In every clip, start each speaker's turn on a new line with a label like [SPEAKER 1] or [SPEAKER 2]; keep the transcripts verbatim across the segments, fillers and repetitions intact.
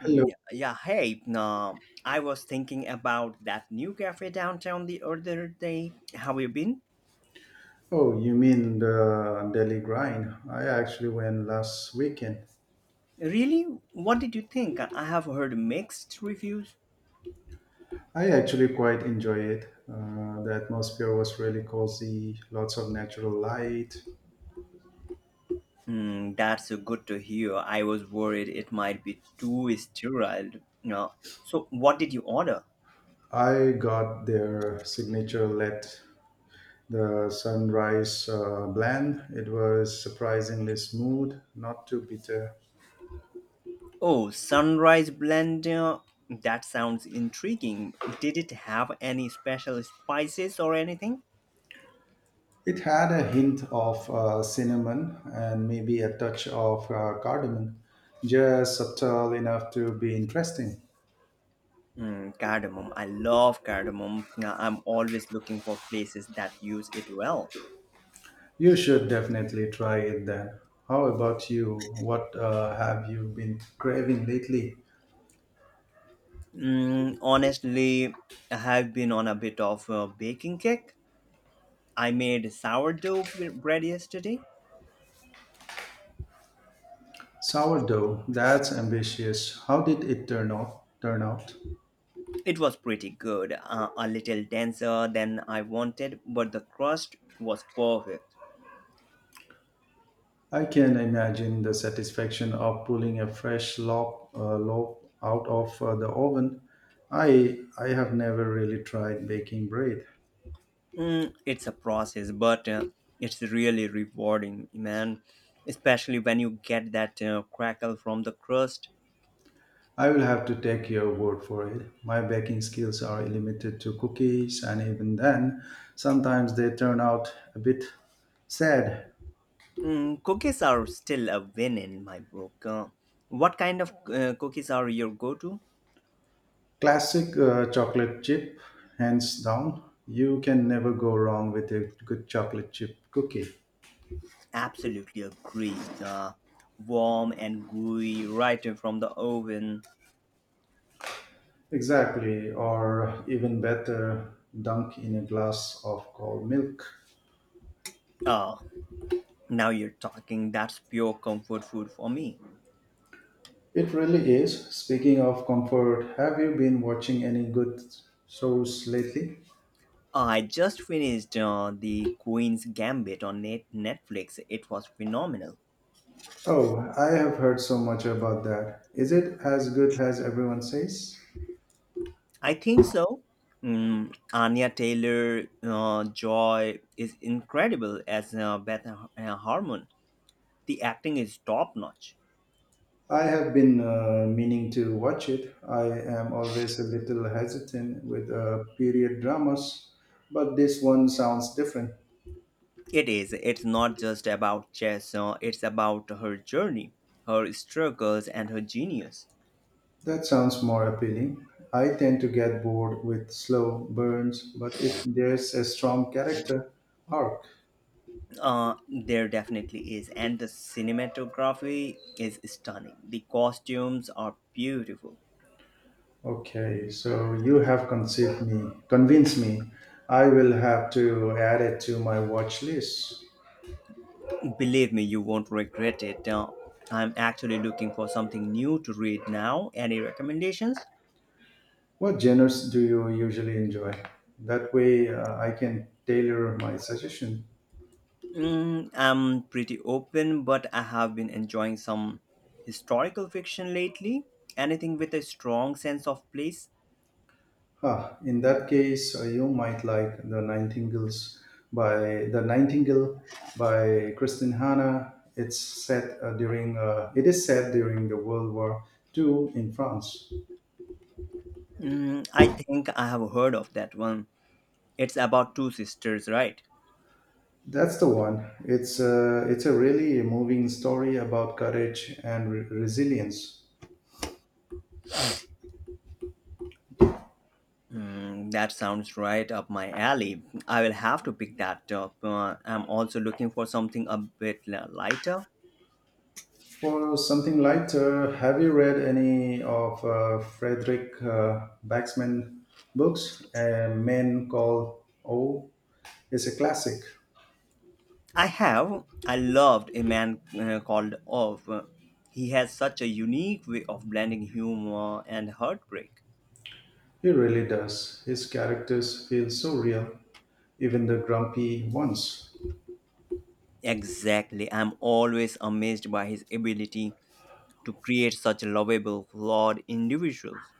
[SPEAKER 1] Mm,
[SPEAKER 2] Hello.
[SPEAKER 1] Yeah, yeah, hey, no, I was thinking about that new cafe downtown the other day. Have you been?
[SPEAKER 2] Oh, you mean the Delhi grind? I actually went last weekend.
[SPEAKER 1] Really? What did you think? I have heard mixed reviews.
[SPEAKER 2] I actually quite enjoy it. Uh, the atmosphere was really cozy, lots of natural light.
[SPEAKER 1] Mm, that's uh, good to hear. I was worried it might be too sterile. No. So, what did you order?
[SPEAKER 2] I got their signature let the sunrise uh, blend. It was surprisingly smooth, not too bitter.
[SPEAKER 1] Oh, sunrise blend. uh, That sounds intriguing. Did it have any special spices or anything?
[SPEAKER 2] It had a hint of uh, cinnamon and maybe a touch of uh, cardamom, just subtle enough to be interesting.
[SPEAKER 1] Mm, cardamom. I love cardamom. Now, I'm always looking for places that use it well.
[SPEAKER 2] You should definitely try it then. How about you? What uh, have you been craving lately?
[SPEAKER 1] Mm, honestly, I have been on a bit of a baking kick. I made sourdough b- bread yesterday.
[SPEAKER 2] Sourdough, that's ambitious. How did it turn out? Turn out?
[SPEAKER 1] It was pretty good, uh, a little denser than I wanted, but the crust was perfect.
[SPEAKER 2] I can imagine the satisfaction of pulling a fresh loaf, uh, loaf out of uh, the oven. I I have never really tried baking bread.
[SPEAKER 1] Mm, it's a process, but uh, it's really rewarding, man. Especially when you get that uh, crackle from the crust.
[SPEAKER 2] I will have to take your word for it. My baking skills are limited to cookies, and even then, sometimes they turn out a bit sad.
[SPEAKER 1] Mm, cookies are still a win in my book. Uh, what kind of uh, cookies are your go to?
[SPEAKER 2] Classic uh, chocolate chip, hands down. You can never go wrong with a good chocolate chip cookie.
[SPEAKER 1] Absolutely agree. Uh, Warm and gooey, right from the oven.
[SPEAKER 2] Exactly, or even better, dunk in a glass of cold milk.
[SPEAKER 1] Oh, now you're talking. That's pure comfort food for me.
[SPEAKER 2] It really is. Speaking of comfort, have you been watching any good shows lately?
[SPEAKER 1] I just finished uh, The Queen's Gambit on net- Netflix. It was phenomenal.
[SPEAKER 2] Oh, I have heard so much about that. Is it as good as everyone says?
[SPEAKER 1] I think so. Mm, Anya Taylor uh, Joy is incredible as uh, Beth uh, Harmon, the acting is top notch.
[SPEAKER 2] I have been uh, meaning to watch it. I am always a little hesitant with uh, period dramas, but this one sounds different.
[SPEAKER 1] It is. It's not just about Jess. Uh, it's about her journey, her struggles, and her genius.
[SPEAKER 2] That sounds more appealing. I tend to get bored with slow burns, but if there's a strong character arc,
[SPEAKER 1] Uh, there definitely is, and the cinematography is stunning. The costumes are beautiful.
[SPEAKER 2] okay, so you have conceived me, convinced me. I will have to add it to my watch list.
[SPEAKER 1] Believe me, you won't regret it. Uh, I'm actually looking for something new to read now. Any recommendations?
[SPEAKER 2] What genres do you usually enjoy? That way, uh, I can tailor my suggestion.
[SPEAKER 1] Mm, I'm pretty open, but I have been enjoying some historical fiction lately. Anything with a strong sense of place.
[SPEAKER 2] Ah, in that case, uh, you might like the Nightingales by the Nightingale by Kristin Hanna. It's set uh, during uh, it is set during the World War Two in France.
[SPEAKER 1] Mm, I think I have heard of that one. It's about two sisters, right?
[SPEAKER 2] That's the one. It's uh, it's a really moving story about courage and re- resilience.
[SPEAKER 1] Mm, that sounds right up my alley. I will have to pick that up. Uh, I'm also looking for something a bit li- lighter.
[SPEAKER 2] For something lighter, have you read any of uh, Frederick uh, Baxman's books? A Man Called O is a classic.
[SPEAKER 1] I have. I loved a man uh, called Ov. He has such a unique way of blending humor and heartbreak.
[SPEAKER 2] He really does. His characters feel so real, even the grumpy ones.
[SPEAKER 1] Exactly. I'm always amazed by his ability to create such lovable, flawed individuals.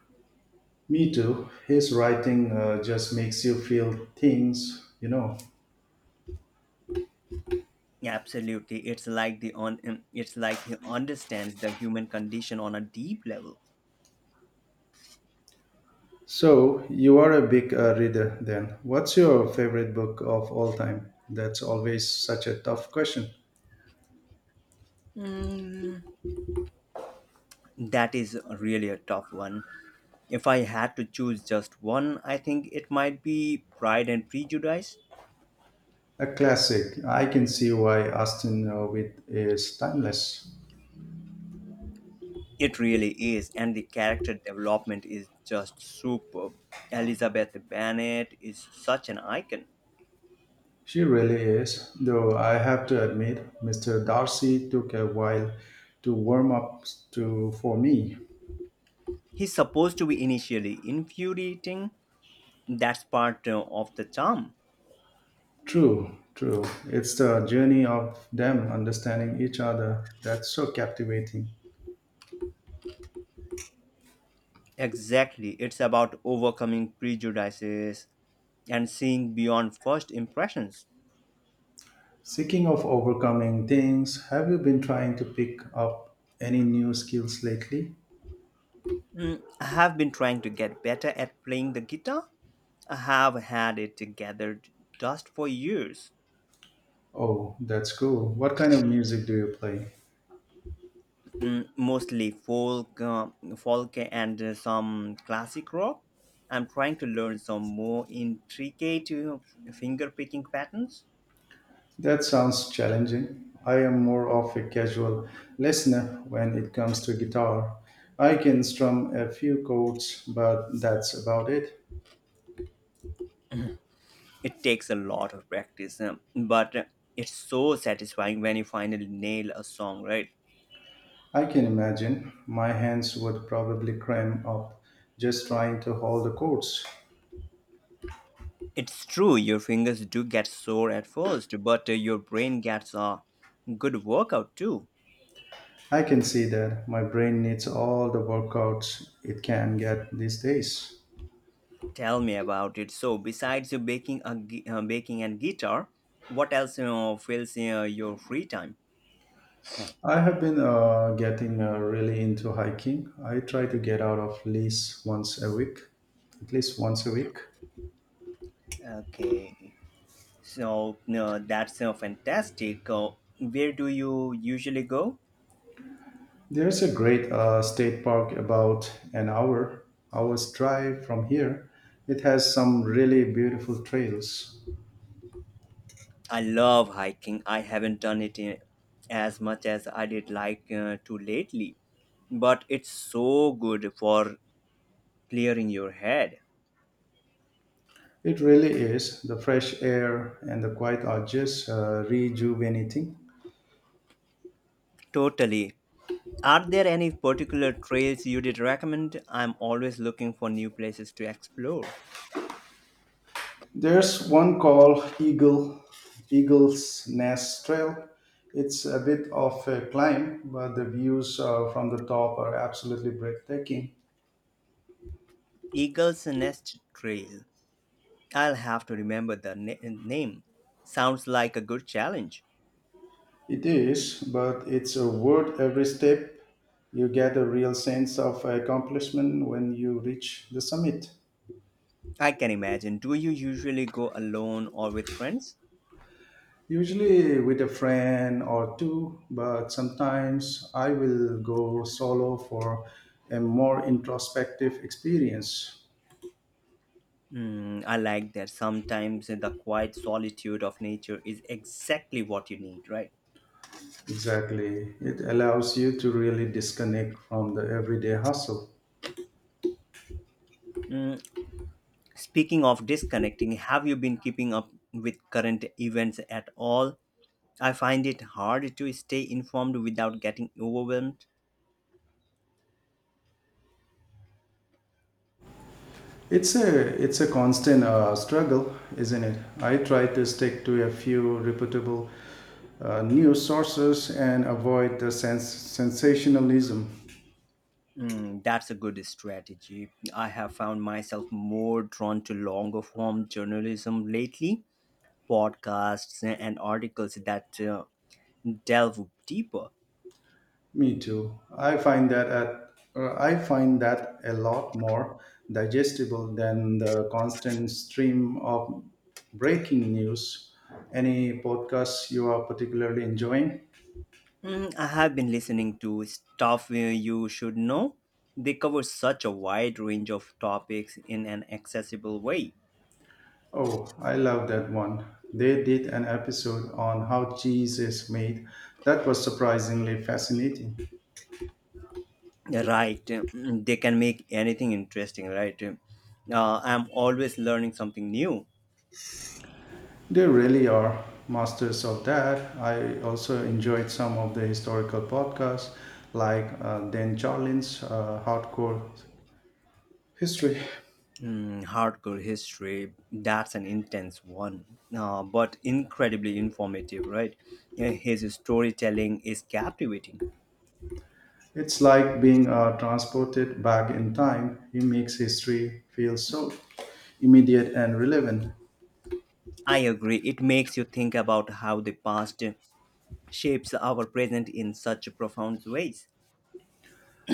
[SPEAKER 2] Me too. His writing uh, just makes you feel things, you know.
[SPEAKER 1] Absolutely. It's like the on um, it's like he understands the human condition on a deep level.
[SPEAKER 2] So, you are a big uh, reader then. What's your favorite book of all time? That's always such a tough question.
[SPEAKER 1] That is really a tough one. If I had to choose just one, I think it might be Pride and Prejudice.
[SPEAKER 2] A classic. I can see why Austin uh, Witt is timeless.
[SPEAKER 1] It really is, and the character development is just superb. Elizabeth Bennet is such an icon.
[SPEAKER 2] She really is, though I have to admit, Mister Darcy took a while to warm up to for me.
[SPEAKER 1] He's supposed to be initially infuriating. That's part uh, of the charm.
[SPEAKER 2] True, true. It's the journey of them understanding each other that's so captivating.
[SPEAKER 1] Exactly. It's about overcoming prejudices and seeing beyond first impressions.
[SPEAKER 2] Speaking of overcoming things, have you been trying to pick up any new skills lately?
[SPEAKER 1] I have been trying to get better at playing the guitar. I have had it gathered dust for years.
[SPEAKER 2] Oh, that's cool. What kind of music do you play?
[SPEAKER 1] Mm, mostly folk, uh, folk and uh, some classic rock. I'm trying to learn some more intricate uh, finger picking patterns.
[SPEAKER 2] That sounds challenging. I am more of a casual listener when it comes to guitar. I can strum a few chords, but that's about it.
[SPEAKER 1] It takes a lot of practice, um, but uh, it's so satisfying when you finally nail a song, right?
[SPEAKER 2] I can imagine my hands would probably cramp up just trying to hold the chords.
[SPEAKER 1] It's true, your fingers do get sore at first, but uh, your brain gets a good workout too.
[SPEAKER 2] I can see that my brain needs all the workouts it can get these days.
[SPEAKER 1] Tell me about it. So, besides uh, baking a gui- uh, baking and guitar, what else you fills uh, your free time?
[SPEAKER 2] I have been uh, getting uh, really into hiking. I try to get out of least once a week, at least once a week.
[SPEAKER 1] Okay, so no, that's uh, fantastic. Uh, where do you usually go?
[SPEAKER 2] There's a great uh, state park about an hour hour's drive from here. It has some really beautiful trails.
[SPEAKER 1] I love hiking. I haven't done it in, as much as I did like uh, to lately, but it's so good for clearing your head.
[SPEAKER 2] It really is. The fresh air and the quiet are just uh, rejuvenating.
[SPEAKER 1] Totally. Are there any particular trails you did recommend? I'm always looking for new places to explore.
[SPEAKER 2] There's one called Eagle Eagle's Nest Trail. It's a bit of a climb, but the views uh, from the top are absolutely breathtaking.
[SPEAKER 1] Eagle's Nest Trail. I'll have to remember the na- name. Sounds like a good challenge.
[SPEAKER 2] It is, but it's a worth every step. You get a real sense of accomplishment when you reach the summit.
[SPEAKER 1] I can imagine. Do you usually go alone or with friends?
[SPEAKER 2] Usually with a friend or two, but sometimes I will go solo for a more introspective experience.
[SPEAKER 1] Mm, I like that. Sometimes the quiet solitude of nature is exactly what you need, right?
[SPEAKER 2] Exactly. It allows you to really disconnect from the everyday hustle.
[SPEAKER 1] Mm, speaking of disconnecting, have you been keeping up with current events at all? I find it hard to stay informed without getting overwhelmed.
[SPEAKER 2] It's a it's a constant uh, struggle, isn't it? I try to stick to a few reputable uh, news sources and avoid the sens- sensationalism.
[SPEAKER 1] Mm, that's a good strategy. I have found myself more drawn to longer form journalism lately, podcasts and articles that uh, delve deeper.
[SPEAKER 2] Me too. I find that at, uh, I find that a lot more digestible than the constant stream of breaking news. Any podcasts you are particularly enjoying?
[SPEAKER 1] Mm, I have been listening to Stuff You Should Know. They cover such a wide range of topics in an accessible way.
[SPEAKER 2] Oh, I love that one. They did an episode on how cheese is made. That was surprisingly fascinating.
[SPEAKER 1] Right. Mm, they can make anything interesting, right? Uh, I'm always learning something new.
[SPEAKER 2] They really are masters of that. I also enjoyed some of the historical podcasts like uh, Dan Charlin's uh, Hardcore History.
[SPEAKER 1] Mm, hardcore history, that's an intense one, uh, but incredibly informative, right? Uh, his storytelling is captivating.
[SPEAKER 2] It's like being uh, transported back in time. He makes history feel so immediate and relevant.
[SPEAKER 1] I agree. It makes you think about how the past shapes our present in such profound ways.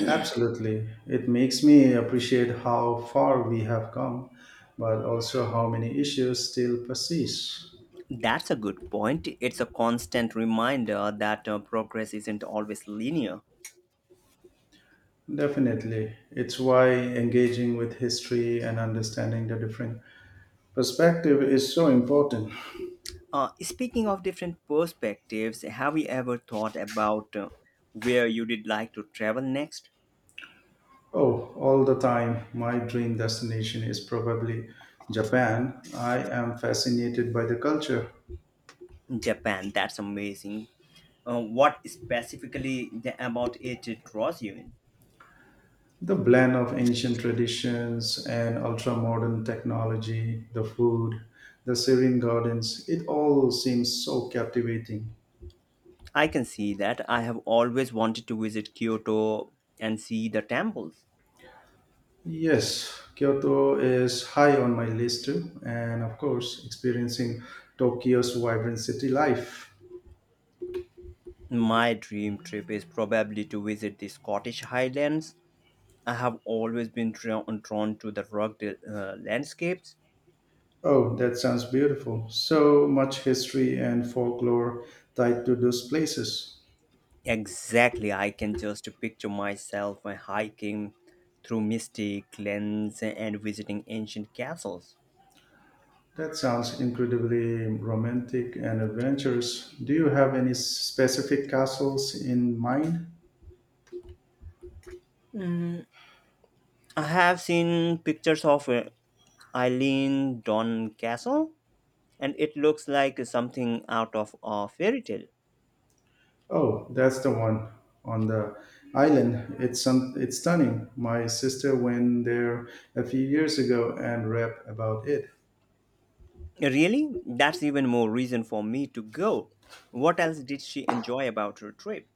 [SPEAKER 2] Absolutely. It makes me appreciate how far we have come, but also how many issues still persist.
[SPEAKER 1] That's a good point. It's a constant reminder that uh, progress isn't always linear.
[SPEAKER 2] Definitely. It's why engaging with history and understanding the different perspective is so important.
[SPEAKER 1] Uh, speaking of different perspectives, have you ever thought about uh, where you would like to travel next?
[SPEAKER 2] Oh, all the time, my dream destination is probably Japan. I am fascinated by the culture,
[SPEAKER 1] Japan, that's amazing. Uh, what specifically the, about it draws you in?
[SPEAKER 2] the blend of ancient traditions and ultra modern technology, the food, the serene gardens. It all seems so captivating.
[SPEAKER 1] I can see that. I have always wanted to visit Kyoto and see the temples.
[SPEAKER 2] Yes, Kyoto is high on my list too, and of course, experiencing Tokyo's vibrant city life.
[SPEAKER 1] My dream trip is probably to visit the Scottish Highlands. I have always been drawn, drawn to the rugged uh, landscapes.
[SPEAKER 2] Oh, that sounds beautiful. So much history and folklore tied to those places.
[SPEAKER 1] Exactly, I can just picture myself uh, hiking through misty glens and visiting ancient castles.
[SPEAKER 2] That sounds incredibly romantic and adventurous. Do you have any specific castles in mind?
[SPEAKER 1] I have seen pictures of uh, Eileen Don Castle, and it looks like something out of a fairy tale.
[SPEAKER 2] Oh, that's the one on the island. It's some, it's stunning. My sister went there a few years ago and read about it.
[SPEAKER 1] Really? That's even more reason for me to go. What else did she enjoy about her trip?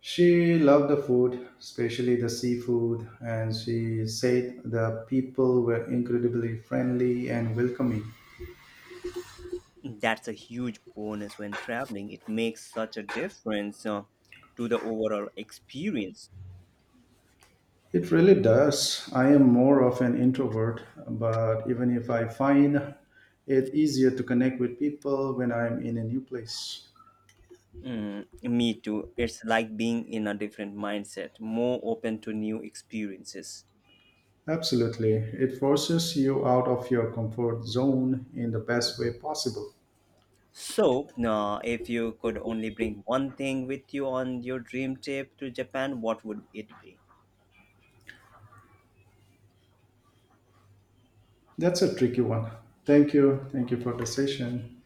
[SPEAKER 2] She loved the food, especially the seafood, and she said the people were incredibly friendly and welcoming.
[SPEAKER 1] That's a huge bonus when traveling. It makes such a difference uh, to the overall experience.
[SPEAKER 2] It really does. I am more of an introvert, but even if I find it easier to connect with people when I'm in a new place.
[SPEAKER 1] Mm, me too. It's like being in a different mindset, more open to new experiences.
[SPEAKER 2] Absolutely. It forces you out of your comfort zone in the best way possible.
[SPEAKER 1] So, uh, if you could only bring one thing with you on your dream trip to Japan, what would it be?
[SPEAKER 2] That's a tricky one. Thank you. Thank you for the session.